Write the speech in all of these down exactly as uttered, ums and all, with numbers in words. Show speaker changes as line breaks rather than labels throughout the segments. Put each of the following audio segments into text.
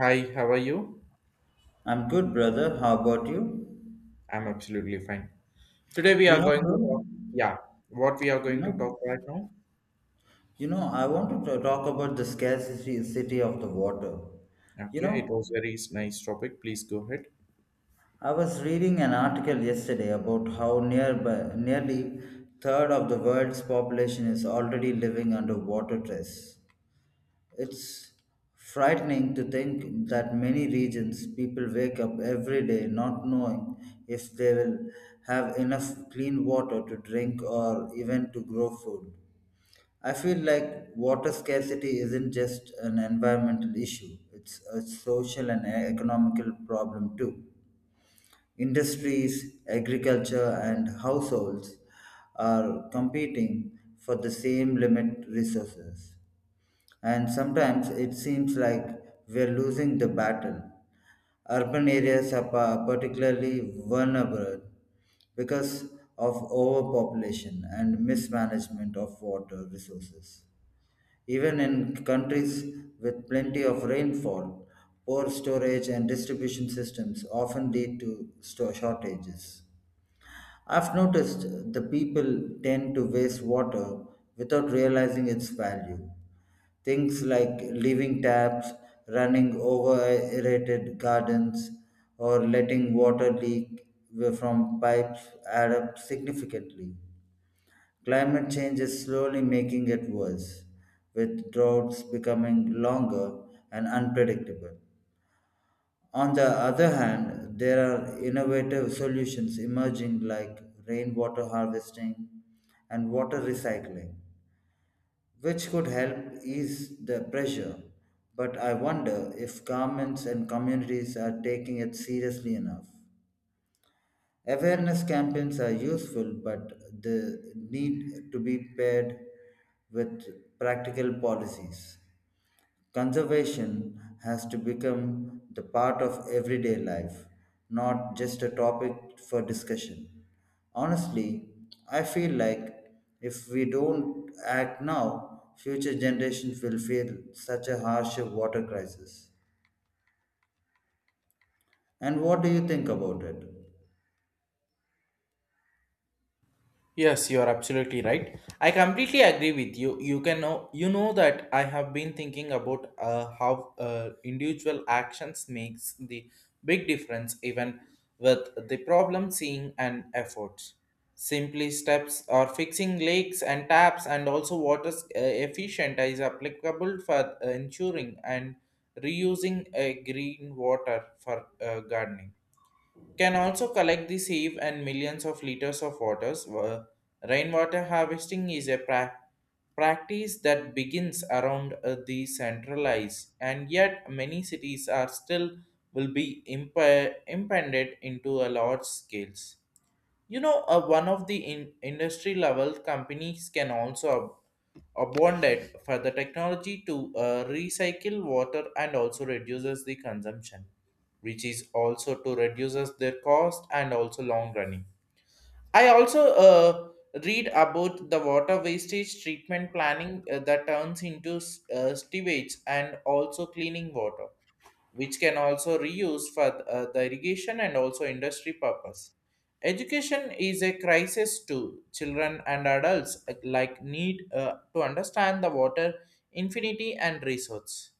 Hi, how are you?
I'm good, brother. How about you?
I'm absolutely fine. Today we
You
are
know,
going to
bro,
talk, yeah, what we are
you
going to
know,
talk right now.
you know, I want to talk about the scarcity city of the water. You
Okay, it
know,
was very s- nice topic. Please go ahead.
I was reading an article yesterday about how nearby, nearly third of the world's population is already living under water stress. It's frightening to think that many regions people wake up every day not knowing if they will have enough clean water to drink or even to grow food. I feel like water scarcity isn't just an environmental issue, it's a social and e-, economical problem too. Industries, agriculture, and households are competing for the same limit resources. And sometimes it seems like we're losing the battle. Urban areas are pa- particularly vulnerable because of overpopulation and mismanagement of water resources. Even in countries with plenty of rainfall, poor storage and distribution systems often lead to sto- shortages. I've noticed the people tend to waste water without realizing its value. Things like leaving taps, running over aerated gardens, or letting water leak from pipes add up significantly. Climate change is slowly making it worse, with droughts becoming longer and unpredictable. On the other hand, there are innovative solutions emerging like rainwater harvesting and water recycling, which could help ease the pressure. But I wonder if governments and communities are taking it seriously enough. Awareness campaigns are useful, but they need to be paired with practical policies. Conservation has to become the part of everyday life, not just a topic for discussion. Honestly, I feel like if we don't act now, future generations will feel such a harsh water crisis. And what do you think about it?
Yes, you are absolutely right. I completely agree with you. You can know, you know that I have been thinking about uh, how uh, individual actions makes the big difference, even with the problem seeing and efforts. Simply steps or fixing leaks and taps and also water's uh, efficient is applicable for uh, ensuring and reusing uh, green water for uh, gardening can also collect the sieve and millions of liters of waters. Wa- Rainwater harvesting is a pra- practice that begins around uh, the centralized, and yet many cities are still will be imp- impended into a large scales. You know, uh, one of the in- industry level companies can also abundant for the technology to uh, recycle water and also reduces the consumption, which is also to reduces their cost and also long running. I also uh, read about the water wastage treatment planning uh, that turns into s- uh, sewage and also cleaning water which can also reuse for uh, the irrigation and also industry purpose. Education is a crisis to children and adults uh, like need uh, to understand the water infinity and resource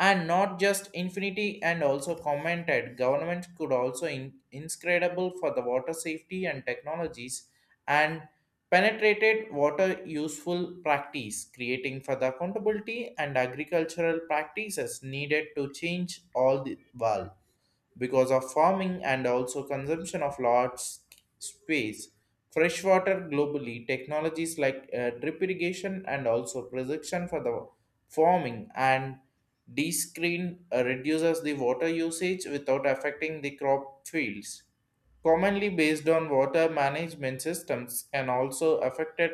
and not just infinity, and also commented government could also in, inscredible for the water safety and technologies and penetrated water useful practice creating for the accountability, and agricultural practices needed to change all the world because of farming and also consumption of large sc- space. Freshwater globally, technologies like uh, drip irrigation and also production for the farming and descreen uh, reduces the water usage without affecting the crop fields. Commonly based on water management systems can also affected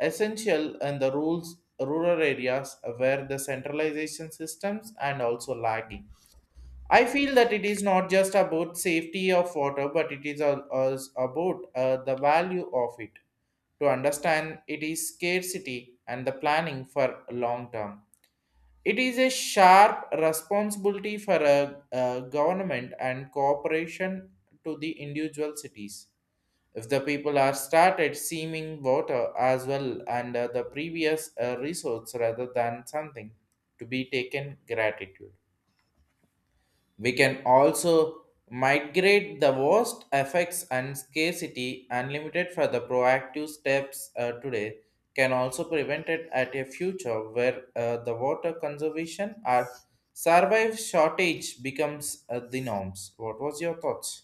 essential in the rules rural areas where the centralization systems and also lagging. I feel that it is not just about safety of water, but it is al- als- about uh, the value of it. To understand it is scarcity and the planning for long term. It is a sharp responsibility for a, a government and cooperation to the individual cities. If the people are started seeming water as well and uh, the previous uh, resource rather than something to be taken gratitude. We can also migrate the worst effects and scarcity unlimited for the proactive steps uh, today can also prevent it at a future where uh, the water conservation or survive shortage becomes uh, the norms. What was your thoughts?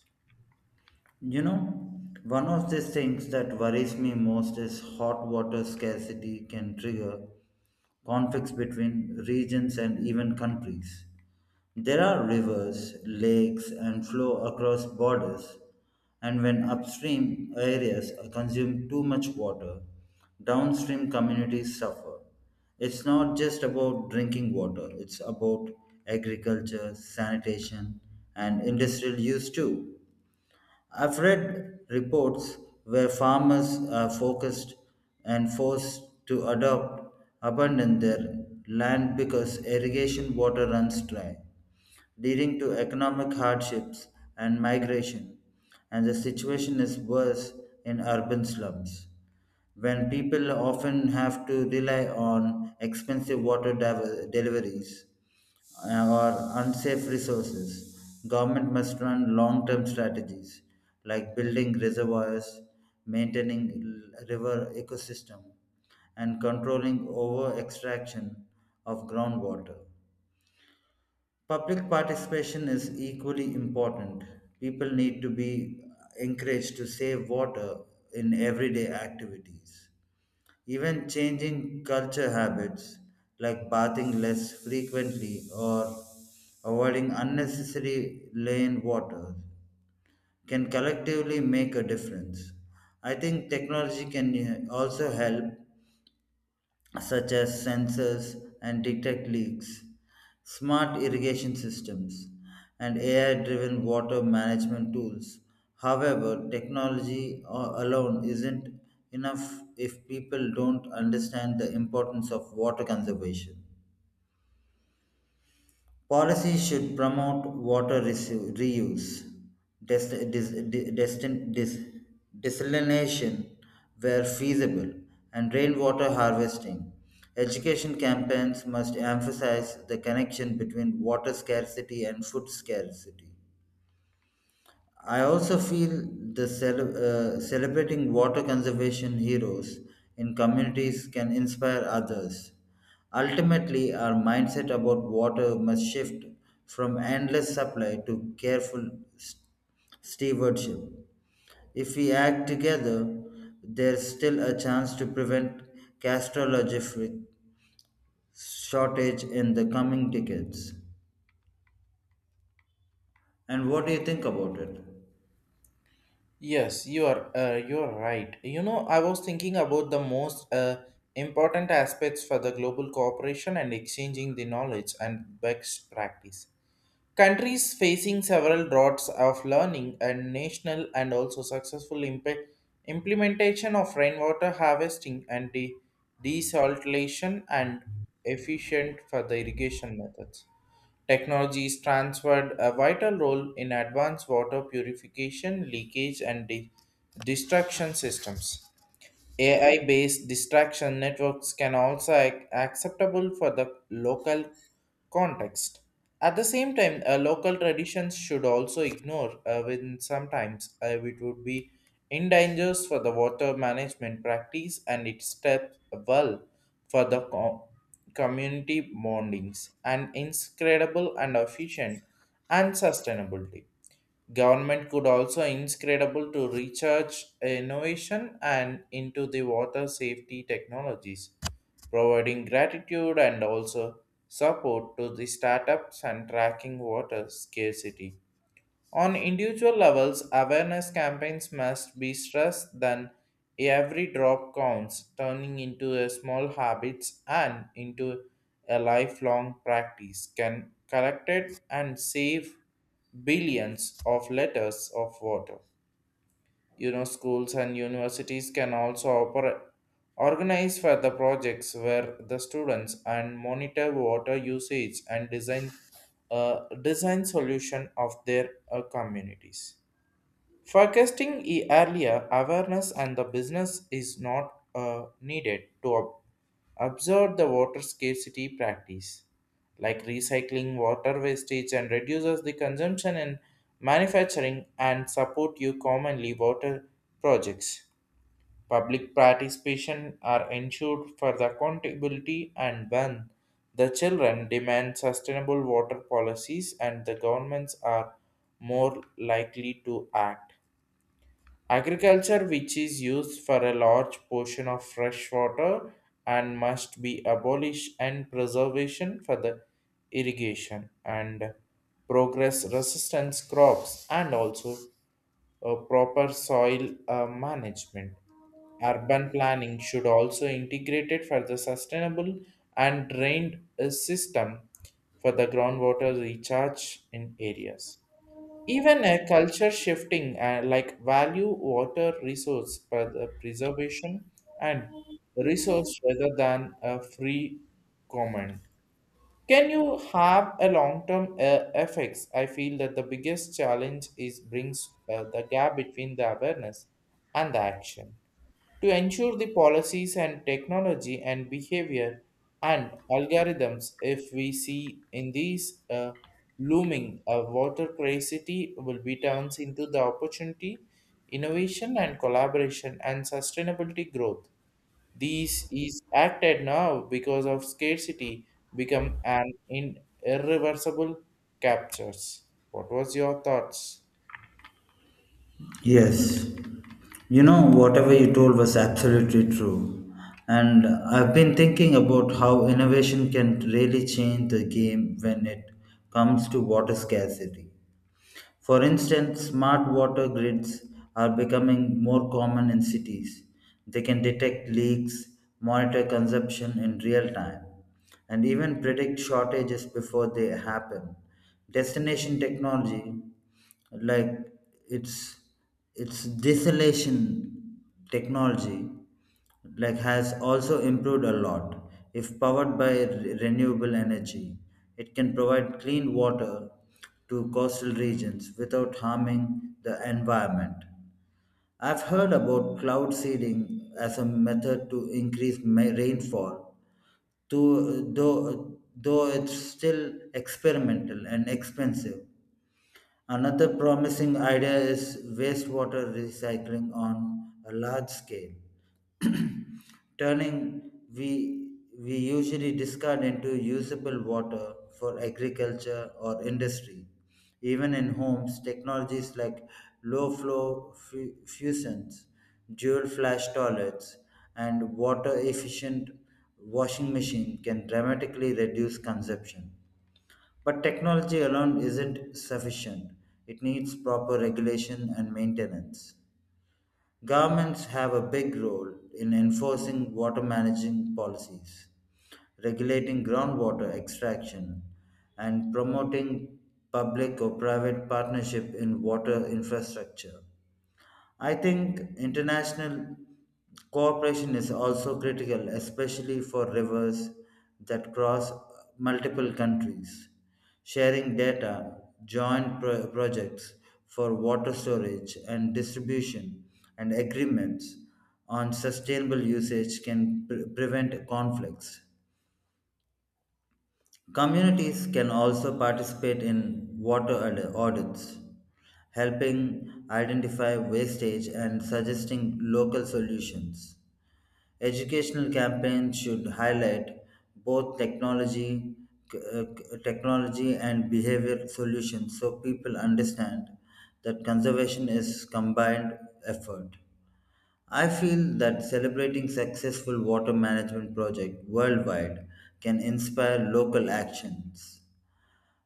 You know, one of these things that worries me most is hot water scarcity can trigger conflicts between regions and even countries. There are rivers, lakes, and flow across borders, and when upstream areas consume too much water, downstream communities suffer. It's not just about drinking water, it's about agriculture, sanitation, and industrial use too. I've read reports where farmers are focused and forced to adopt abandon their land because irrigation water runs dry, leading to economic hardships and migration. And the situation is worse in urban slums when people often have to rely on expensive water diver- deliveries uh, or unsafe resources. Government must run long-term strategies like building reservoirs, maintaining l- river ecosystem, and controlling over-extraction of groundwater. Public participation is equally important. People need to be encouraged to save water in everyday activities. Even changing culture habits like bathing less frequently or avoiding unnecessary lane waters can collectively make a difference. I think technology can uh, also help such as sensors and detect leaks, smart irrigation systems, and A I driven water management tools. However, technology a- alone isn't enough if people don't understand the importance of water conservation. Policies should promote water resu- reuse, des- dis- di- destin- dis- desalination where feasible, and rainwater harvesting. Education campaigns must emphasize the connection between water scarcity and food scarcity. I also feel the cele- uh, celebrating water conservation heroes in communities can inspire others. Ultimately, our mindset about water must shift from endless supply to careful s- stewardship. If we act together, there's still a chance to prevent catastrophic shortage in the coming decades. And what do you think about it?
Yes, you are uh, you are right. You know, I was thinking about the most uh, important aspects for the global cooperation and exchanging the knowledge and best practice. Countries facing several droughts of learning and national and also successful impe- implementation of rainwater harvesting and de- desalination and efficient for the irrigation methods. Technologies transferred a vital role in advanced water purification, leakage, and de- destruction systems. A I based distraction networks can also ac- acceptable for the local context. At the same time, uh, local traditions should also ignore uh, when sometimes uh, it would be endangers for the water management practice and it steps well for the co- community bondings and incredible and efficient and sustainability. Government could also inscrutable to research innovation and into the water safety technologies, providing gratitude and also support to the startups and tracking water scarcity. On individual levels, awareness campaigns must be stressed then every drop counts, turning into a small habits, and into a lifelong practice can collect it and save billions of liters of water. You know, schools and universities can also oper- organize for the projects where the students and monitor water usage and design uh, design solution of their uh, communities. Forecasting e- earlier awareness and the business is not uh, needed to ob- observe the water scarcity practice, like recycling water wastage and reduces the consumption in manufacturing and support you commonly water projects. Public participation are ensured for the accountability, and when the children demand sustainable water policies, and the governments are more likely to act. Agriculture, which is used for a large portion of fresh water and must be abolished and preservation for the irrigation and progress resistance crops and also a proper soil uh, management. Urban planning should also integrate it for the sustainable and drained uh, system for the groundwater recharge in areas. Even a culture shifting uh, like value water resource per- uh, preservation and resource rather than a free command. Can you have a long-term uh, effects? I feel that the biggest challenge is brings uh, the gap between the awareness and the action to ensure the policies and technology and behavior and algorithms if we see in these uh, looming a water scarcity will be turns into the opportunity innovation and collaboration and sustainability growth. These is acted now because of scarcity become an in irreversible captures. What was your thoughts?
Yes, you know, whatever you told was absolutely true. And I've been thinking about how innovation can really change the game when it comes to water scarcity. For instance, smart water grids are becoming more common in cities. They can detect leaks, monitor consumption in real time, and even predict shortages before they happen. Destination technology like it's it's desolation technology like has also improved a lot. If powered by re- renewable energy, it can provide clean water to coastal regions without harming the environment. I've heard about cloud seeding as a method to increase ma- rainfall, to, though, though it's still experimental and expensive. Another promising idea is wastewater recycling on a large scale, turning we, we usually discard into usable water for agriculture or industry. Even in homes, technologies like low flow fu- fusions, dual flush toilets, and water efficient washing machine can dramatically reduce consumption. But technology alone isn't sufficient. It needs proper regulation and maintenance. Governments have a big role in enforcing water management policies, regulating groundwater extraction, and promoting public or private partnership in water infrastructure. I think international cooperation is also critical, especially for rivers that cross multiple countries. Sharing data, joint pro- projects for water storage and distribution, and agreements on sustainable usage can pre- prevent conflicts. Communities can also participate in water aud- audits, helping identify wastage and suggesting local solutions. Educational campaigns should highlight both technology, c- uh, c- technology and behavior solutions so people understand that conservation is combined effort. I feel that celebrating successful water management projects worldwide can inspire local actions.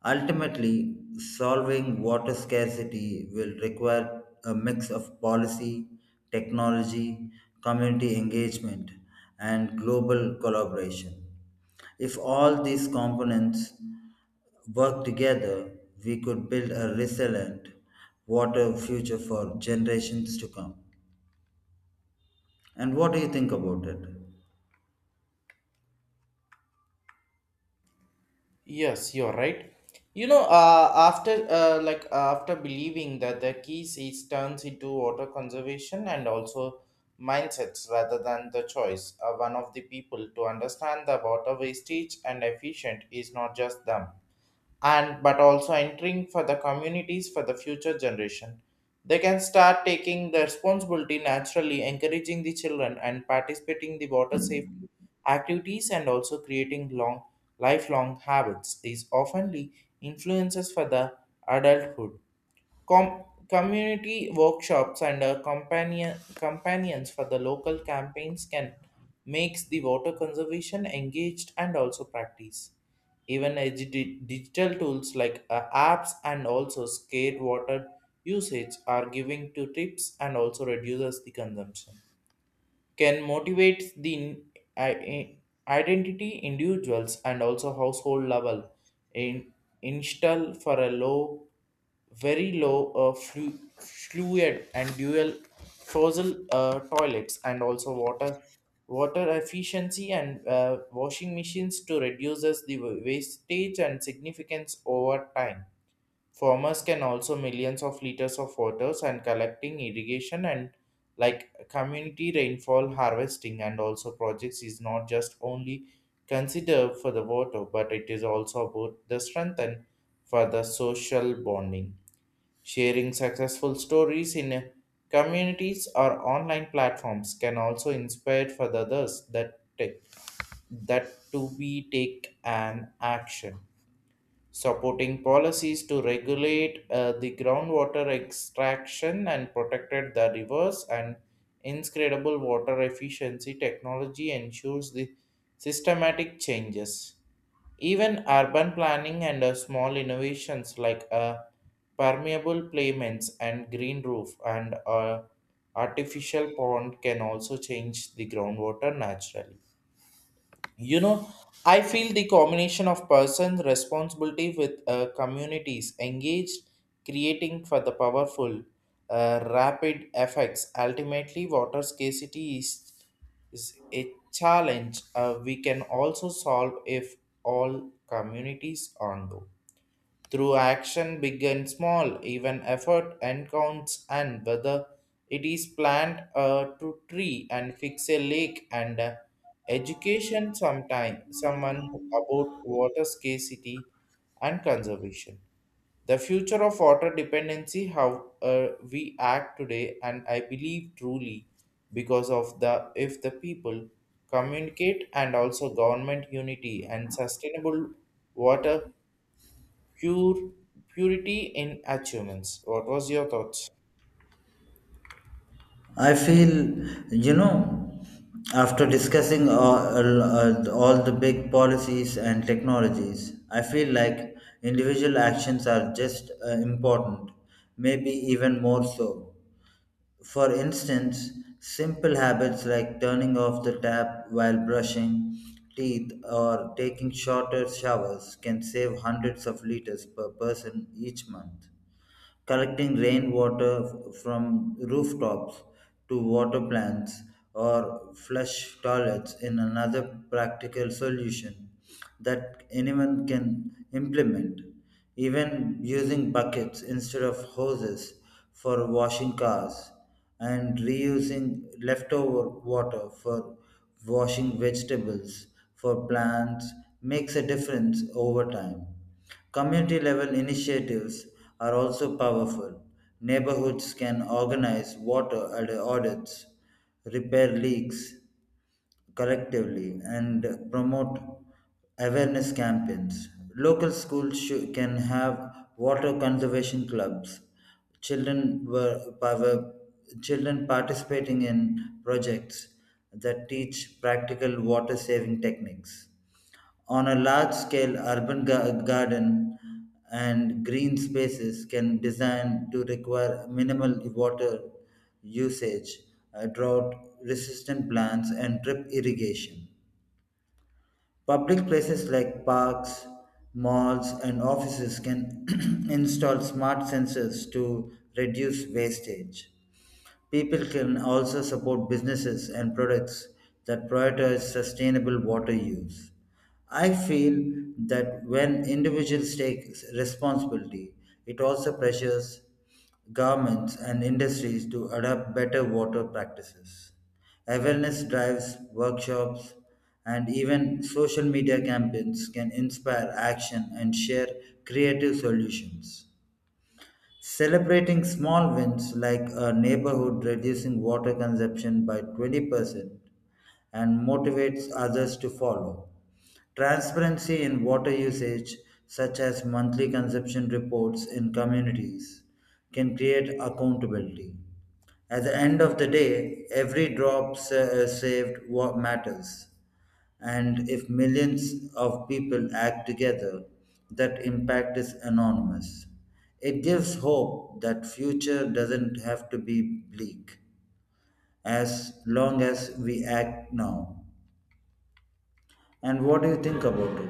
Ultimately, solving water scarcity will require a mix of policy, technology, community engagement, and global collaboration. If all these components work together, we could build a resilient water future for generations to come. And what do you think about it?
Yes, you're right. You know, uh, after uh, like after believing that the keys is turns into water conservation and also mindsets rather than the choice, uh, one of the people to understand the water wastage and efficient is not just them and but also entering for the communities for the future generation. They can start taking the responsibility naturally encouraging the children and participating the water safety activities and also creating long lifelong habits. These oftenly influences for the adulthood. Com- community workshops and uh, companion- companions for the local campaigns can makes the water conservation engaged and also practice. Even a di- digital tools like uh, apps and also scared water usage are giving to tips and also reduces the consumption can motivate the i- identity individuals and also household level in install for a low very low uh, flu- fluid and dual fossil uh, toilets and also water water efficiency and uh, washing machines to reduces the wa- wastage and significance over time. Farmers can also millions of liters of waters and collecting irrigation and like community rainfall harvesting, and also projects is not just only considered for the water, but it is also about the strength and for the social bonding. Sharing successful stories in communities or online platforms can also inspire for the others that take, that to be take an action supporting policies to regulate uh, the groundwater extraction and protected the rivers and inscredible water efficiency technology ensures the systematic changes. Even urban planning and uh, small innovations like uh, permeable pavements and green roof and uh, artificial pond can also change the groundwater naturally. You know, I feel the combination of person responsibility with uh, communities engaged creating for the powerful uh, rapid effects. Ultimately, water scarcity is, is a challenge uh, we can also solve if all communities on onto through action big and small. Even effort and counts, and whether it is plant a to tree and fix a lake and uh, education sometime someone about water scarcity and conservation, the future of water dependency how uh, we act today, and I believe truly because of the if the people communicate and also government unity and sustainable water pure purity in achievements. What was your thoughts?
I feel, you know, after discussing all, uh, all the big policies and technologies, I feel like individual actions are just uh, important, maybe even more so. For instance, simple habits like turning off the tap while brushing teeth or taking shorter showers can save hundreds of liters per person each month collecting rainwater from rooftops to water plants or flush toilets in another practical solution that anyone can implement. Even using buckets instead of hoses for washing cars and reusing leftover water for washing vegetables for plants makes a difference over time. Community level initiatives are also powerful. Neighborhoods can organize water ad- audits, repair leaks collectively, and promote awareness campaigns. Local schools shou- can have water conservation clubs. Children were power, children participating in projects that teach practical water saving techniques. On a large scale, urban ga- garden and green spaces can design to require minimal water usage, uh, drought resistant plants, and drip irrigation. Public places like parks, malls, and offices can install smart sensors to reduce wastage. People can also support businesses and products that prioritize sustainable water use. I feel that when individuals take responsibility, it also pressures governments and industries to adopt better water practices. Awareness drives, workshops, and even social media campaigns can inspire action and share creative solutions. Celebrating small wins like a neighborhood reducing water consumption by twenty percent and motivates others to follow. Transparency in water usage, such as monthly consumption reports in communities, can create accountability. At the end of the day, every drop sa- uh, saved what matters. And if millions of people act together, that impact is enormous. It gives hope that future doesn't have to be bleak as long as we act now. And what do you think about it?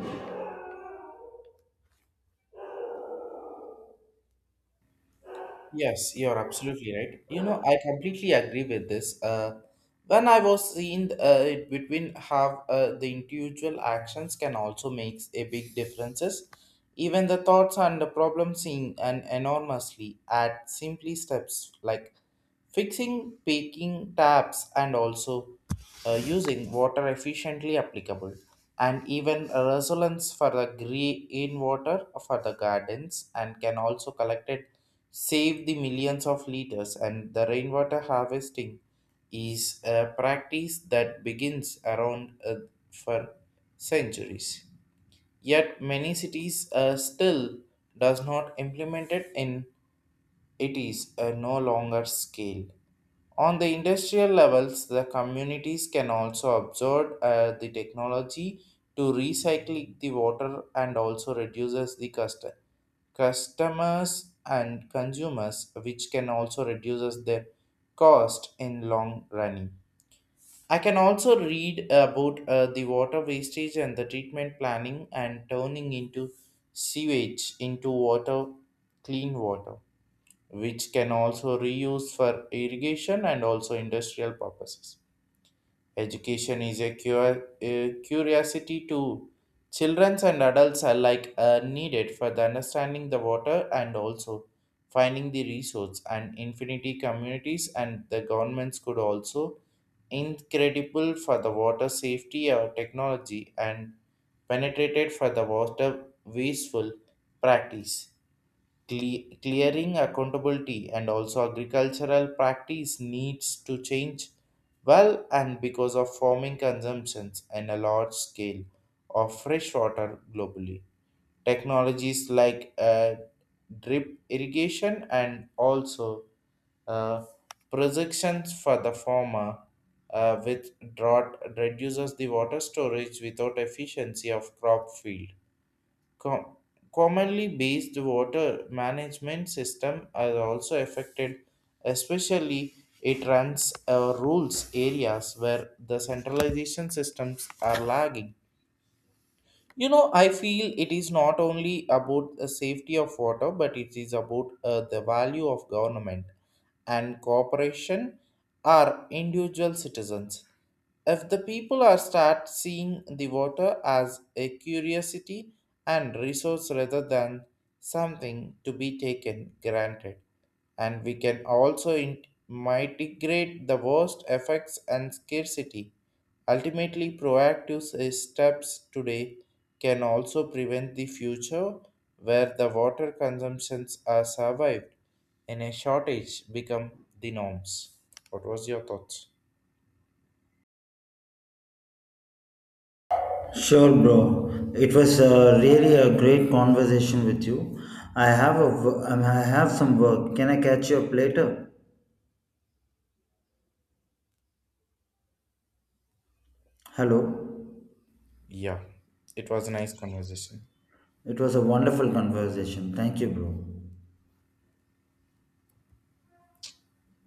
Yes, you're absolutely right. You know, I completely agree with this. Uh, when I was seeing uh, it between how uh, the individual actions can also make a big differences, even the thoughts and the problem seem an enormously at simply steps like. Fixing peaking taps and also uh, using water efficiently applicable, and even a resonance for the green water for the gardens and can also collected save the millions of liters. And the rainwater harvesting is a practice that begins around uh, for centuries, yet many cities uh, still does not implement it in it is a no longer scale. On the industrial levels, the communities can also absorb uh, the technology to recycle the water and also reduces the cost. Customers and consumers, which can also reduces the cost in long running. I can also read about uh, the water wastage and the treatment planning and turning into sewage into water, clean water which can also reuse for irrigation and also industrial purposes. Education is a, cur- a curiosity to children and adults alike are needed for the understanding the water and also finding the resource and infinity communities, and the governments could also incredible for the water safety or technology and penetrated for the water wasteful practice. Cle- clearing accountability and also agricultural practice needs to change well, and because of farming consumptions and a large scale of fresh water globally, technologies like uh, drip irrigation and also uh, projections for the former uh, with drought reduces the water storage without efficiency of crop field. Com- Commonly based water management system are also affected, especially it runs uh, rules areas where the centralization systems are lagging. You know, I feel it is not only about the safety of water, but it is about uh, the value of government and cooperation are individual citizens. If the people are start seeing the water as a curiosity and resource rather than something to be taken granted, and we can also in- mitigate the worst effects and scarcity. Ultimately, proactive s- steps today can also prevent the future where the water consumptions are survived and a shortage become the norms. What was your thoughts?
Sure, bro. It was uh, really a great conversation with you. I have a wo- um, I have some work. Can I catch you up later? Hello.
Yeah, it was a nice conversation.
It was a wonderful conversation. Thank you, bro.